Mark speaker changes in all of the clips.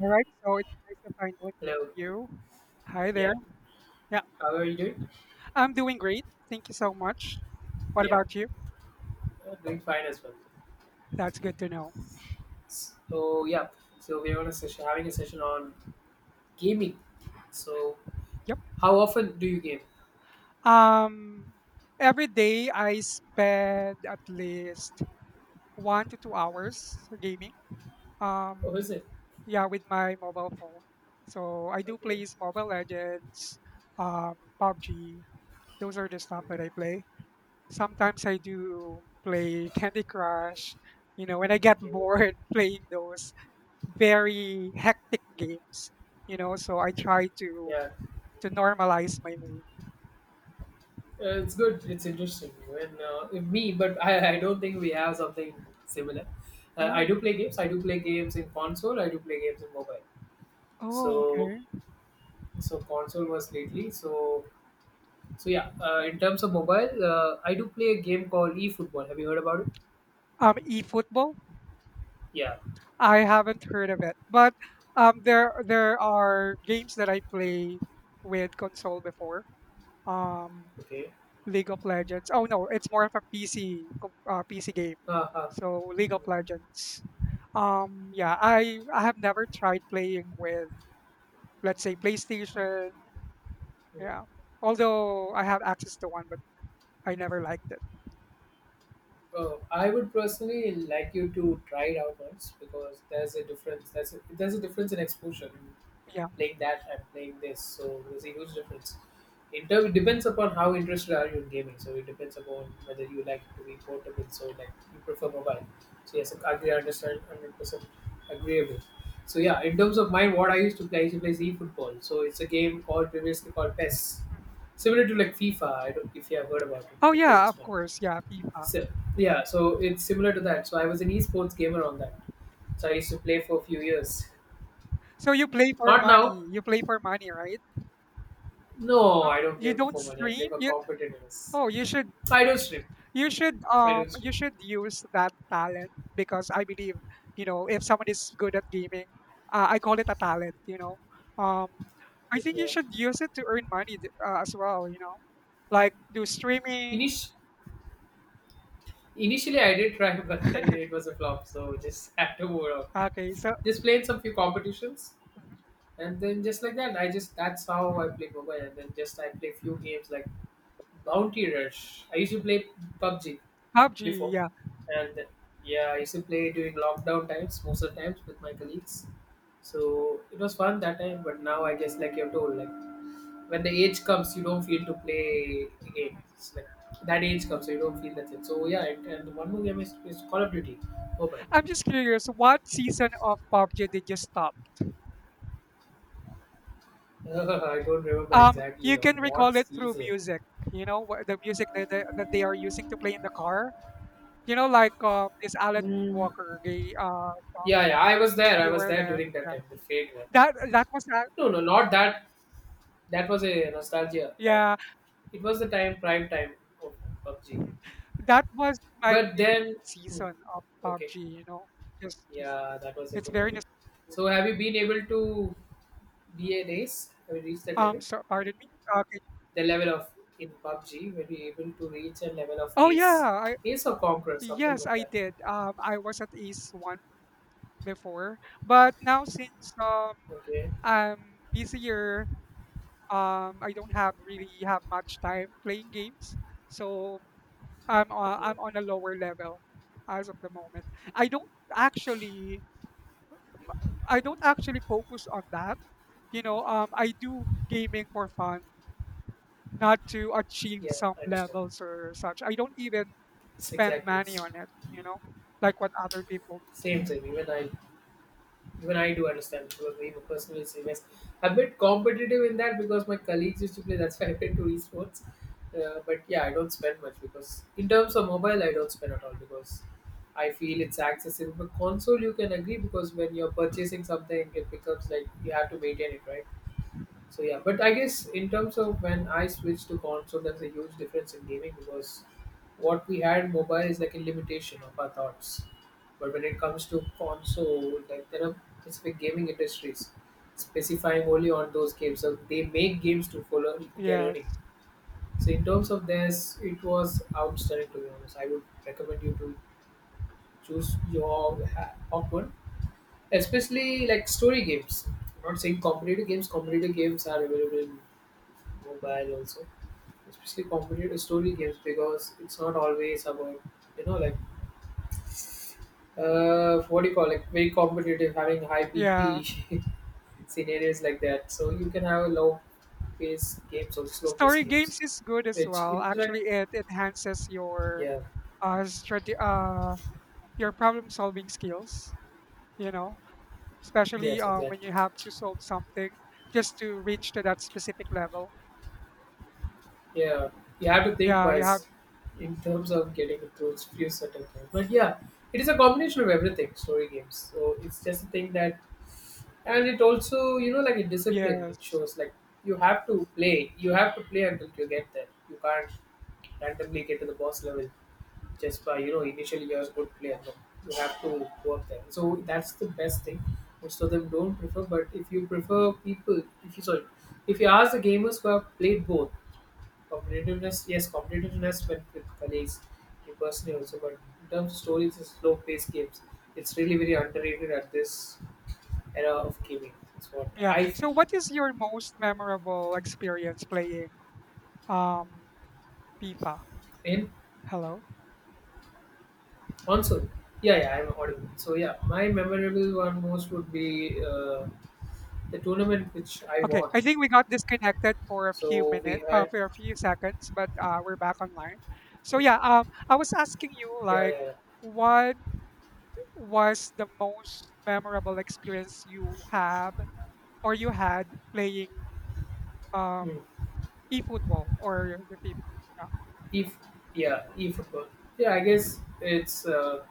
Speaker 1: All right, so it's nice to finally get
Speaker 2: Hello.
Speaker 1: you. Hi there.
Speaker 2: Yep.
Speaker 1: Yeah,
Speaker 2: How are you doing?
Speaker 1: I'm doing great. Thank you so much. What
Speaker 2: Yep.
Speaker 1: about you?
Speaker 2: Doing fine as well.
Speaker 1: That's good to know.
Speaker 2: So yeah. So we're on a session, having a session on gaming. So
Speaker 1: Yep.
Speaker 2: how often do you game?
Speaker 1: Um, every day I spend at least 1 to 2 hours gaming.
Speaker 2: Oh,
Speaker 1: Um,
Speaker 2: is it?
Speaker 1: yeah, with my mobile phone. So I do
Speaker 2: Okay.
Speaker 1: play Mobile Legends, um, PUBG. Those are the stuff that I
Speaker 2: Mhm.
Speaker 1: play. Sometimes I do play Candy Crush. You know, when I get
Speaker 2: Okay.
Speaker 1: bored playing those, very hectic games, you know, so I try to
Speaker 2: Yeah.
Speaker 1: to normalize my mood.
Speaker 2: It's good. It's interesting. Even me, but I don't think we have something similar. I
Speaker 1: Oh,
Speaker 2: do play games. I do play games in console. I do play games in mobile.
Speaker 1: oh,
Speaker 2: So
Speaker 1: okay.
Speaker 2: so console was lately. So in terms of mobile, I do play a game called eFootball. Have you heard about it?
Speaker 1: eFootball,
Speaker 2: Yeah.
Speaker 1: I haven't heard of it, but there are games that I play with console before. Um,
Speaker 2: Okay.
Speaker 1: League of Legends. Oh no, it's more of a PC game.
Speaker 2: Uh-huh.
Speaker 1: So League of Legends. Yeah, I have never tried playing with let's say PlayStation. Yeah,
Speaker 2: Mm-hmm.
Speaker 1: although I have access to one, but I never liked it.
Speaker 2: I would personally like you to try it out once because there's a difference. There's a difference in exposure.
Speaker 1: Yeah.
Speaker 2: Playing that, I'm playing this. So there's a huge difference. In term, it depends upon how interested are you in gaming. So it depends upon whether you like it to be portable. So like you prefer mobile. So yes, I agree, I understand, 100% agreeable. So yeah, in terms of mine, what I used to play, I used to play Z football. So it's a game called previously called PES,
Speaker 1: Mhm.
Speaker 2: similar to like FIFA. I don't, if you have heard about it,
Speaker 1: Oh
Speaker 2: the
Speaker 1: yeah,
Speaker 2: famous
Speaker 1: of
Speaker 2: one.
Speaker 1: course. Yeah, FIFA.
Speaker 2: So yeah, so it's similar to that. So I was an esports gamer on that. So I used to play for a few years.
Speaker 1: So you play for
Speaker 2: Not now.
Speaker 1: money. You play for money, right?
Speaker 2: No,
Speaker 1: Uh,
Speaker 2: I don't
Speaker 1: you
Speaker 2: play
Speaker 1: don't
Speaker 2: for money. I play
Speaker 1: stream.
Speaker 2: for
Speaker 1: You
Speaker 2: competitiveness.
Speaker 1: oh, you should
Speaker 2: I don't stream.
Speaker 1: you should
Speaker 2: I don't
Speaker 1: you
Speaker 2: stream.
Speaker 1: should use that talent because I believe if someone is good at gaming, I call it a talent. Um, I think you
Speaker 2: Yeah.
Speaker 1: should use it to earn money as well. Like do streaming.
Speaker 2: Init- Initially, I did try, but then it was a flop. So just had to move on.
Speaker 1: Okay, so.
Speaker 2: Just played some few competitions,
Speaker 1: Mhm.
Speaker 2: and then just like that, I just that's how I play mobile. And then just I play few games like Bounty Rush. I used to play PUBG
Speaker 1: PUBG.
Speaker 2: before,
Speaker 1: Yeah.
Speaker 2: and yeah, I used to play during lockdown times, most of the times with my colleagues. So it was fun that time, but now I guess like you're told, like when the age comes, you don't feel to play again. It's like that age comes, so you don't feel that thing. So yeah, and one more game is Call of Duty Mobile.
Speaker 1: I'm just curious, what season of PUBG did you stop?
Speaker 2: I don't remember exactly
Speaker 1: You
Speaker 2: on
Speaker 1: can
Speaker 2: what
Speaker 1: recall it through
Speaker 2: season.
Speaker 1: music. The music that that they are using to play in the car. Like this Alan
Speaker 2: Mm,
Speaker 1: Walker. They, uh,
Speaker 2: yeah, yeah, I was there. I
Speaker 1: you
Speaker 2: was
Speaker 1: were
Speaker 2: there
Speaker 1: there.
Speaker 2: during that
Speaker 1: Yeah.
Speaker 2: time, the Fate one.
Speaker 1: That was that.
Speaker 2: No, no, not that. That was a nostalgia time.
Speaker 1: Yeah,
Speaker 2: It was the time, prime time of PUBG.
Speaker 1: mhm. That was my
Speaker 2: But then,
Speaker 1: favorite
Speaker 2: hmm,
Speaker 1: season of
Speaker 2: okay,
Speaker 1: PUBG. Just
Speaker 2: yeah, that was a
Speaker 1: it's
Speaker 2: good
Speaker 1: very
Speaker 2: one.
Speaker 1: nostalgic.
Speaker 2: So have you been able to be an ace? Have you reached that level?
Speaker 1: So pardon me. Okay.
Speaker 2: The level of in PUBG where you're able to reach a level of
Speaker 1: Oh
Speaker 2: ace,
Speaker 1: yeah, I
Speaker 2: ace or conqueror, something
Speaker 1: yes
Speaker 2: like
Speaker 1: I
Speaker 2: that.
Speaker 1: did. I was at Ace One before. But now since
Speaker 2: Okay,
Speaker 1: I'm busier, I don't have really have much time playing games. So I'm uh,
Speaker 2: okay,
Speaker 1: I'm on a lower level as of the moment. I don't actually I don't actually focus on that. I do gaming for fun, not to achieve
Speaker 2: yeah,
Speaker 1: some
Speaker 2: I understand.
Speaker 1: levels or such. I don't even
Speaker 2: It's
Speaker 1: spend
Speaker 2: exactly
Speaker 1: money
Speaker 2: s-
Speaker 1: on it, like what other people.
Speaker 2: Same thing. Even I do understand because I'm a personal serious. I'm a bit competitive in that because my colleagues used to play. That's why I went to
Speaker 1: Mhm.
Speaker 2: esports. But yeah, I don't spend much because in terms of mobile, I don't spend at all because I feel it's accessible. But console, you can agree because when you're purchasing something, it becomes like you have to maintain it, right? So yeah, but I guess in terms of when I switched to console, there's a huge difference in gaming because what we had mobile is like a limitation of our thoughts. But when it comes to console, like there are specific gaming industries specifying only on those games. So they make games to follow their earning.
Speaker 1: Yes.
Speaker 2: So in terms of this, it was outstanding to be honest. I would recommend you to choose your hot one, especially like story games. I'm not saying competitive games. Competitive games are available in mobile
Speaker 1: Mhm.
Speaker 2: also, especially competitive story games because it's not always about like what do you call like very competitive having high
Speaker 1: Yeah.
Speaker 2: PP scenarios like that. So you can have low pace games or slow pace
Speaker 1: Story
Speaker 2: games,
Speaker 1: games is good as
Speaker 2: which
Speaker 1: well.
Speaker 2: interact.
Speaker 1: Actually, it enhances
Speaker 2: Yeah.
Speaker 1: uh, strate- uh your problem solving skills. You know, especially
Speaker 2: Yes.
Speaker 1: when
Speaker 2: Exactly.
Speaker 1: you have to solve something just to reach to that specific level.
Speaker 2: Yeah. You have to think
Speaker 1: Yeah, you have.
Speaker 2: wise in terms of getting those few certain things. But yeah, it is a combination of everything. Story games. So it's just a thing that and it also like a discipline it
Speaker 1: Yes.
Speaker 2: shows like you have to play you have to play until you get there, you can't randomly get to the boss level just by initially you're a good player, no, you have to work there, so that's the best thing. Most of them don't prefer, but if you prefer people, if you sorry, if you ask the gamers who have played both competitiveness, yes, competitiveness but with colleagues, you personally also, but in terms of stories and slow paced games it's really very underrated at this era of gaming is what
Speaker 1: Yeah.
Speaker 2: I feel.
Speaker 1: So, what is your most memorable experience playing um FIFA?
Speaker 2: In
Speaker 1: Hello.
Speaker 2: console, yeah, yeah, I'm audible. So yeah, my memorable one most would be the tournament which I
Speaker 1: Okay,
Speaker 2: won.
Speaker 1: I think we got disconnected for a few
Speaker 2: So we
Speaker 1: minutes,
Speaker 2: had,
Speaker 1: for a few seconds, but we're back online. So yeah, I was asking you
Speaker 2: yeah,
Speaker 1: like,
Speaker 2: yeah, yeah.
Speaker 1: what was the most memorable experience you have or you had playing um
Speaker 2: Hmm.
Speaker 1: e-football or the FIFA? Yeah.
Speaker 2: If Yeah, e-football. Yeah, I guess it's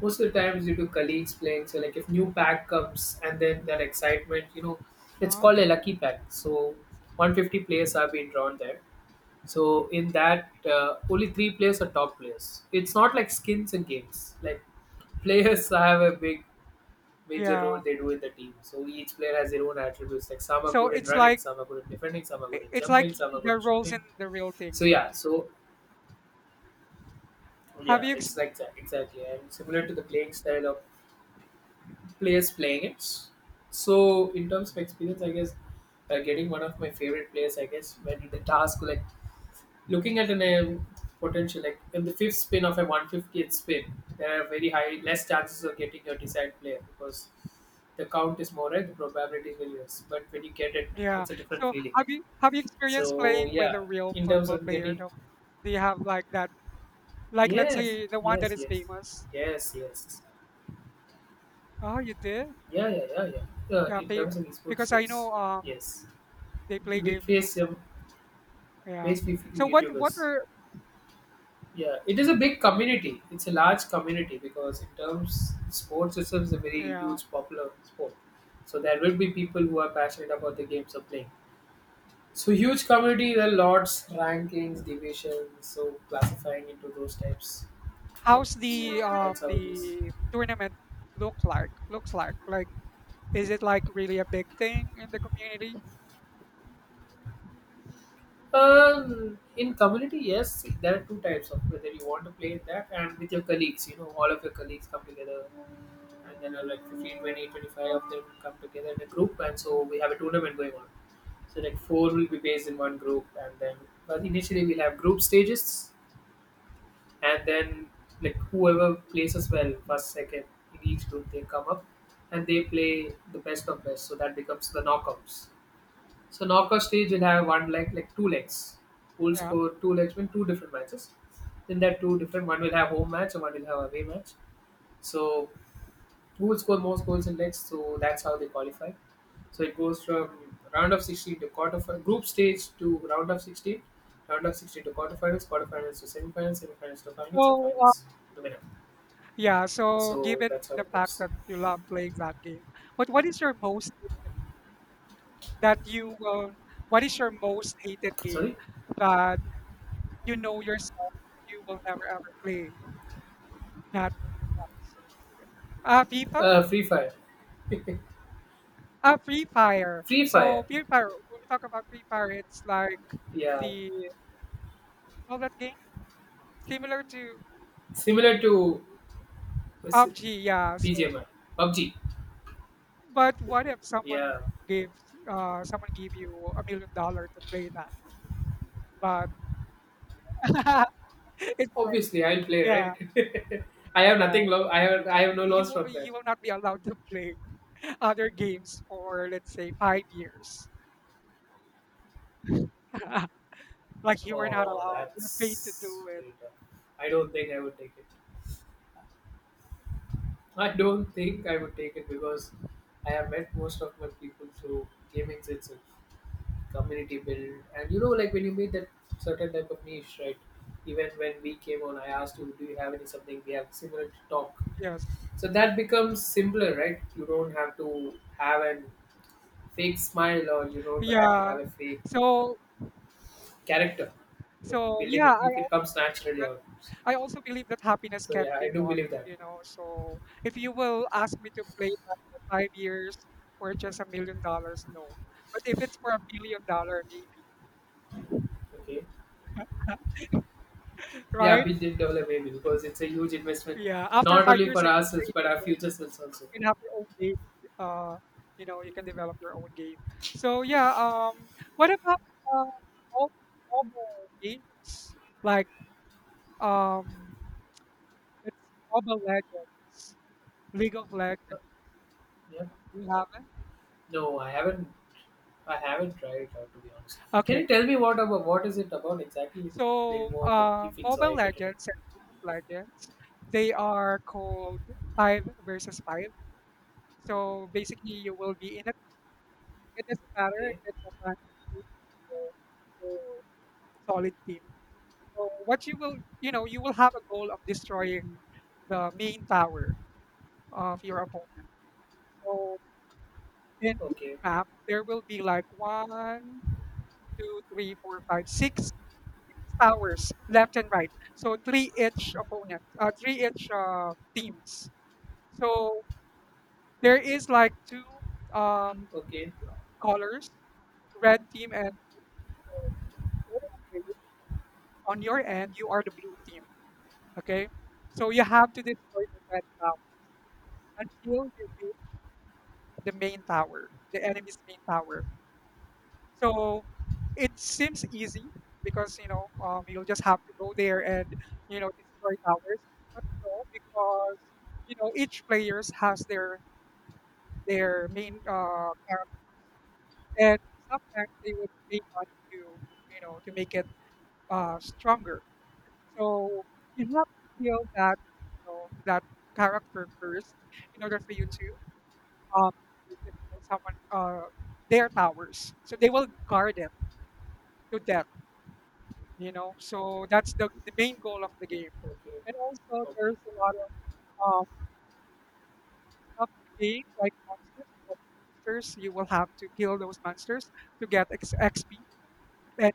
Speaker 2: most of the times due to colleagues playing. So like if new pack comes and then
Speaker 1: Mm-hmm.
Speaker 2: that excitement, you know, it's called a
Speaker 1: Oh,
Speaker 2: lucky pack. So 150 players have been drawn there. So in that, only three players are top players. It's not like
Speaker 1: mhm.
Speaker 2: skins and games. Like players have a big major role
Speaker 1: Yeah.
Speaker 2: they do in the team. So each player has their own attributes. Like some are
Speaker 1: So
Speaker 2: good in
Speaker 1: it's
Speaker 2: running,
Speaker 1: like
Speaker 2: some are good in defending, some are good
Speaker 1: i-
Speaker 2: in
Speaker 1: it's like
Speaker 2: jumping, some are good
Speaker 1: the
Speaker 2: in
Speaker 1: roles in
Speaker 2: shooting.
Speaker 1: the real
Speaker 2: So
Speaker 1: thing.
Speaker 2: yeah, so
Speaker 1: Have
Speaker 2: yeah,
Speaker 1: you?
Speaker 2: it's like that exactly, and similar to the playing style of
Speaker 1: Mm-hmm.
Speaker 2: players playing it. So in terms of experience, I guess getting one of my favorite players, I guess when the task like looking at an potential like in the fifth spin of a 150th spin, there are very high less chances of getting your desired player because the count is more, right, the probability is very less, but when you get it
Speaker 1: Yeah.
Speaker 2: it's a different
Speaker 1: So
Speaker 2: feeling.
Speaker 1: have you experienced
Speaker 2: So
Speaker 1: playing with a
Speaker 2: yeah,
Speaker 1: real
Speaker 2: in terms
Speaker 1: football
Speaker 2: of
Speaker 1: player
Speaker 2: getting
Speaker 1: though? Do you have like that? Like let's
Speaker 2: yes,
Speaker 1: say the one that
Speaker 2: yes,
Speaker 1: is
Speaker 2: yes,
Speaker 1: famous.
Speaker 2: yes, yes,
Speaker 1: Oh, you did?
Speaker 2: yeah, yeah, yeah, yeah,
Speaker 1: Yeah,
Speaker 2: in terms of esports,
Speaker 1: because I
Speaker 2: yes,
Speaker 1: know
Speaker 2: yes,
Speaker 1: they play
Speaker 2: we
Speaker 1: games as
Speaker 2: face
Speaker 1: well. Yeah.
Speaker 2: face with
Speaker 1: So what
Speaker 2: youtubers.
Speaker 1: were.
Speaker 2: Yeah, it is a big community. It's a large community because in terms sports itself is a very
Speaker 1: Yeah.
Speaker 2: huge popular sport. So there will be people who are passionate about the games of playing. So huge community, there are lots, rankings, divisions, so
Speaker 1: Mhm.
Speaker 2: classifying into those types. Yep.
Speaker 1: How's the
Speaker 2: So
Speaker 1: um
Speaker 2: that's how it is.
Speaker 1: the tournament look like? Looks like is it like really a big thing in the community?
Speaker 2: In community, yes, there are two types of whether you want to play that and with your colleagues. You know, all of your colleagues come together and then like 15 20, 25 of them come together in a group and so we have a tournament going on, so like four will be based in one group and then, but initially we'll have group stages and then like whoever places well first second in each group they come up and they play the best of
Speaker 1: Mhm.
Speaker 2: best so that becomes the knockouts. So knockout stage will have one leg like two legs, who will
Speaker 1: Yeah.
Speaker 2: score two legs win two different matches. In that two different, one will have home match and one will have away match. So who will score most goals in legs. So that's how they qualify. So it goes from round of 16 to group stage to round of 16, round of 16 to quarterfinals, quarterfinals to semifinals, semifinals to finals, and
Speaker 1: So.
Speaker 2: finals to winner.
Speaker 1: Yeah, so
Speaker 2: So
Speaker 1: given
Speaker 2: that's how
Speaker 1: the
Speaker 2: it
Speaker 1: fact
Speaker 2: goes.
Speaker 1: that you love playing that game, but that you will, what is your most hated game
Speaker 2: Sorry,
Speaker 1: that you know yourself you will never ever play, not even once? Ah, FIFA?
Speaker 2: Free Fire.
Speaker 1: Ah, Free Fire.
Speaker 2: Free
Speaker 1: So
Speaker 2: Fire.
Speaker 1: Free Fire, when we talk about Free Fire, it's like
Speaker 2: Yeah,
Speaker 1: the all that game similar to
Speaker 2: similar to uh, s-
Speaker 1: PUBG, yeah.
Speaker 2: P G
Speaker 1: So,
Speaker 2: M I, PUBG.
Speaker 1: but what if
Speaker 2: Yeah,
Speaker 1: gives someone give you $1 million to play that? But it's
Speaker 2: obviously I'll play
Speaker 1: yeah.
Speaker 2: right. I have
Speaker 1: Yeah,
Speaker 2: nothing. I have no
Speaker 1: you
Speaker 2: loss
Speaker 1: will
Speaker 2: from that.
Speaker 1: you will not be allowed to play other games for let's say 5 years. Like you are not
Speaker 2: Oh,
Speaker 1: allowed. You're paid to
Speaker 2: that's
Speaker 1: do it.
Speaker 2: very tough. I don't think I would take it. I don't think I would take it because I have met most of my people through gaming itself, community build, and you know, like when you meet that certain type of niche, right? Even when we came on, I asked you, "Do you have any something we have similar to talk?"
Speaker 1: Yes.
Speaker 2: So that becomes simpler, right? You don't have to have an fake smile, or you don't have to
Speaker 1: Yeah.
Speaker 2: have a fake uh,
Speaker 1: So
Speaker 2: character. In building,
Speaker 1: yeah,
Speaker 2: it it comes naturally
Speaker 1: believe,
Speaker 2: out.
Speaker 1: I also believe that happiness
Speaker 2: So
Speaker 1: can't
Speaker 2: yeah,
Speaker 1: be
Speaker 2: I do
Speaker 1: bought.
Speaker 2: believe that.
Speaker 1: You know. So if you will ask me to play for 5 years for just $1 million, no. But if it's for $1 billion, maybe.
Speaker 2: Okay. Yeah,
Speaker 1: Right?
Speaker 2: we did develop maybe because it's a huge investment,
Speaker 1: Yeah. After
Speaker 2: not
Speaker 1: five
Speaker 2: only
Speaker 1: years,
Speaker 2: for
Speaker 1: you can play
Speaker 2: ourselves but our
Speaker 1: your own.
Speaker 2: future selves also.
Speaker 1: Can have your own game. Uh, you can develop your own game. So yeah. What about uh, mo- mobile games like um, it's Mobile Legends, League of Legends?
Speaker 2: Yeah.
Speaker 1: Do you have it?
Speaker 2: No, I haven't. I haven't tried it out to be honest. Can
Speaker 1: Okay.
Speaker 2: you tell me what about what is it about exactly? Little
Speaker 1: So
Speaker 2: more like keep it so
Speaker 1: Mobile
Speaker 2: I get it.
Speaker 1: Legends and League of Legends, they are called five versus five. So basically, you will be in a. It doesn't matter if
Speaker 2: Okay.
Speaker 1: it's a random team or your solid team. So what you will, you know, you will have a goal of destroying the main tower of your opponent. So in each
Speaker 2: Okay.
Speaker 1: map, there will be like one, two, three, four, five, six, six towers left and right. So three each opponent, three each teams. So there is like two um,
Speaker 2: Okay.
Speaker 1: colors, red team and uh, on your end, you are the blue team. Okay, so you have to destroy the red tower until you beat the main tower, the enemy's main tower. So it seems easy because you'll just have to go there and destroy towers. But no, because each players has their main character, and sometimes they would pay money to you know to make it stronger. So you have to kill that you know that character first in order for you um, to destroy someone their towers. So they will guard it to death. So that's the main goal of the game.
Speaker 2: Okay.
Speaker 1: And also,
Speaker 2: Okay.
Speaker 1: there's a lot of stuff to gain, like monsters. Because monsters, you will have to kill those monsters to get XP, and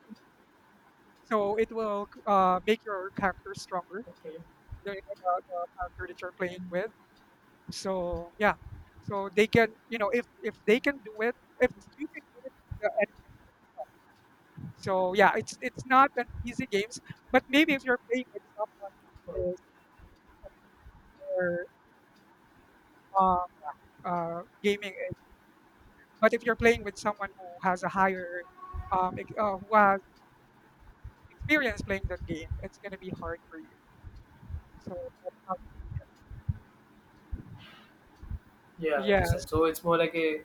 Speaker 1: so it will make your character stronger.
Speaker 2: Okay.
Speaker 1: The, you the character that you're playing with. So yeah, so they can, if they can do it, if you can do it. So yeah, it's not an easy games, but maybe if you're playing with someone
Speaker 2: Oh,
Speaker 1: who is or um, gaming, it- but if you're playing with someone who has a higher who has experience playing that game, it's gonna be hard for you. So that's how.
Speaker 2: yeah, I
Speaker 1: Yes,
Speaker 2: understand. So it's more like a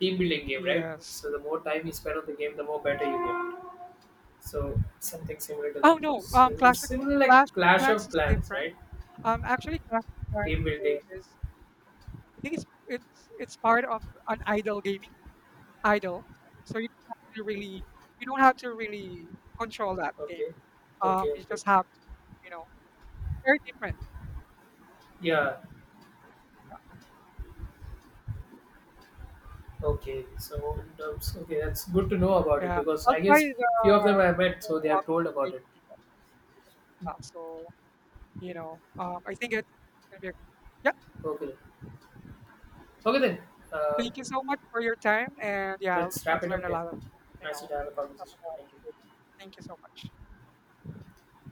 Speaker 2: team building game, right?
Speaker 1: yes.
Speaker 2: So the more time you spend on the game, the more better you get. So something similar to that.
Speaker 1: Oh no,
Speaker 2: So it's
Speaker 1: Clash of
Speaker 2: similar like Clash
Speaker 1: Clans
Speaker 2: of
Speaker 1: is
Speaker 2: Clans,
Speaker 1: different.
Speaker 2: right?
Speaker 1: Actually, Clash of
Speaker 2: Team building.
Speaker 1: Clans is I think it's part of an idle gaming idle. So you don't have to really control that game.
Speaker 2: Okay. Okay.
Speaker 1: You
Speaker 2: Okay.
Speaker 1: just have to, you know, very different.
Speaker 2: Yeah. Okay. So in terms, okay, that's good to know about it
Speaker 1: Yeah,
Speaker 2: because
Speaker 1: I'll
Speaker 2: I
Speaker 1: try
Speaker 2: guess
Speaker 1: the
Speaker 2: few of them I met, so
Speaker 1: console,
Speaker 2: they
Speaker 1: uh,
Speaker 2: have told
Speaker 1: console game.
Speaker 2: about it.
Speaker 1: Maybe the FIFA. So I think it's gonna be a good. Yeah,
Speaker 2: Okay. Okay then. Uh,
Speaker 1: thank you so much for your time, and yeah, I've
Speaker 2: let's wrap
Speaker 1: I've
Speaker 2: it
Speaker 1: learned
Speaker 2: up
Speaker 1: a
Speaker 2: here.
Speaker 1: lot of you
Speaker 2: Nice to
Speaker 1: know.
Speaker 2: have a conversation.
Speaker 1: About,
Speaker 2: Thank you.
Speaker 1: it. Thank you so much.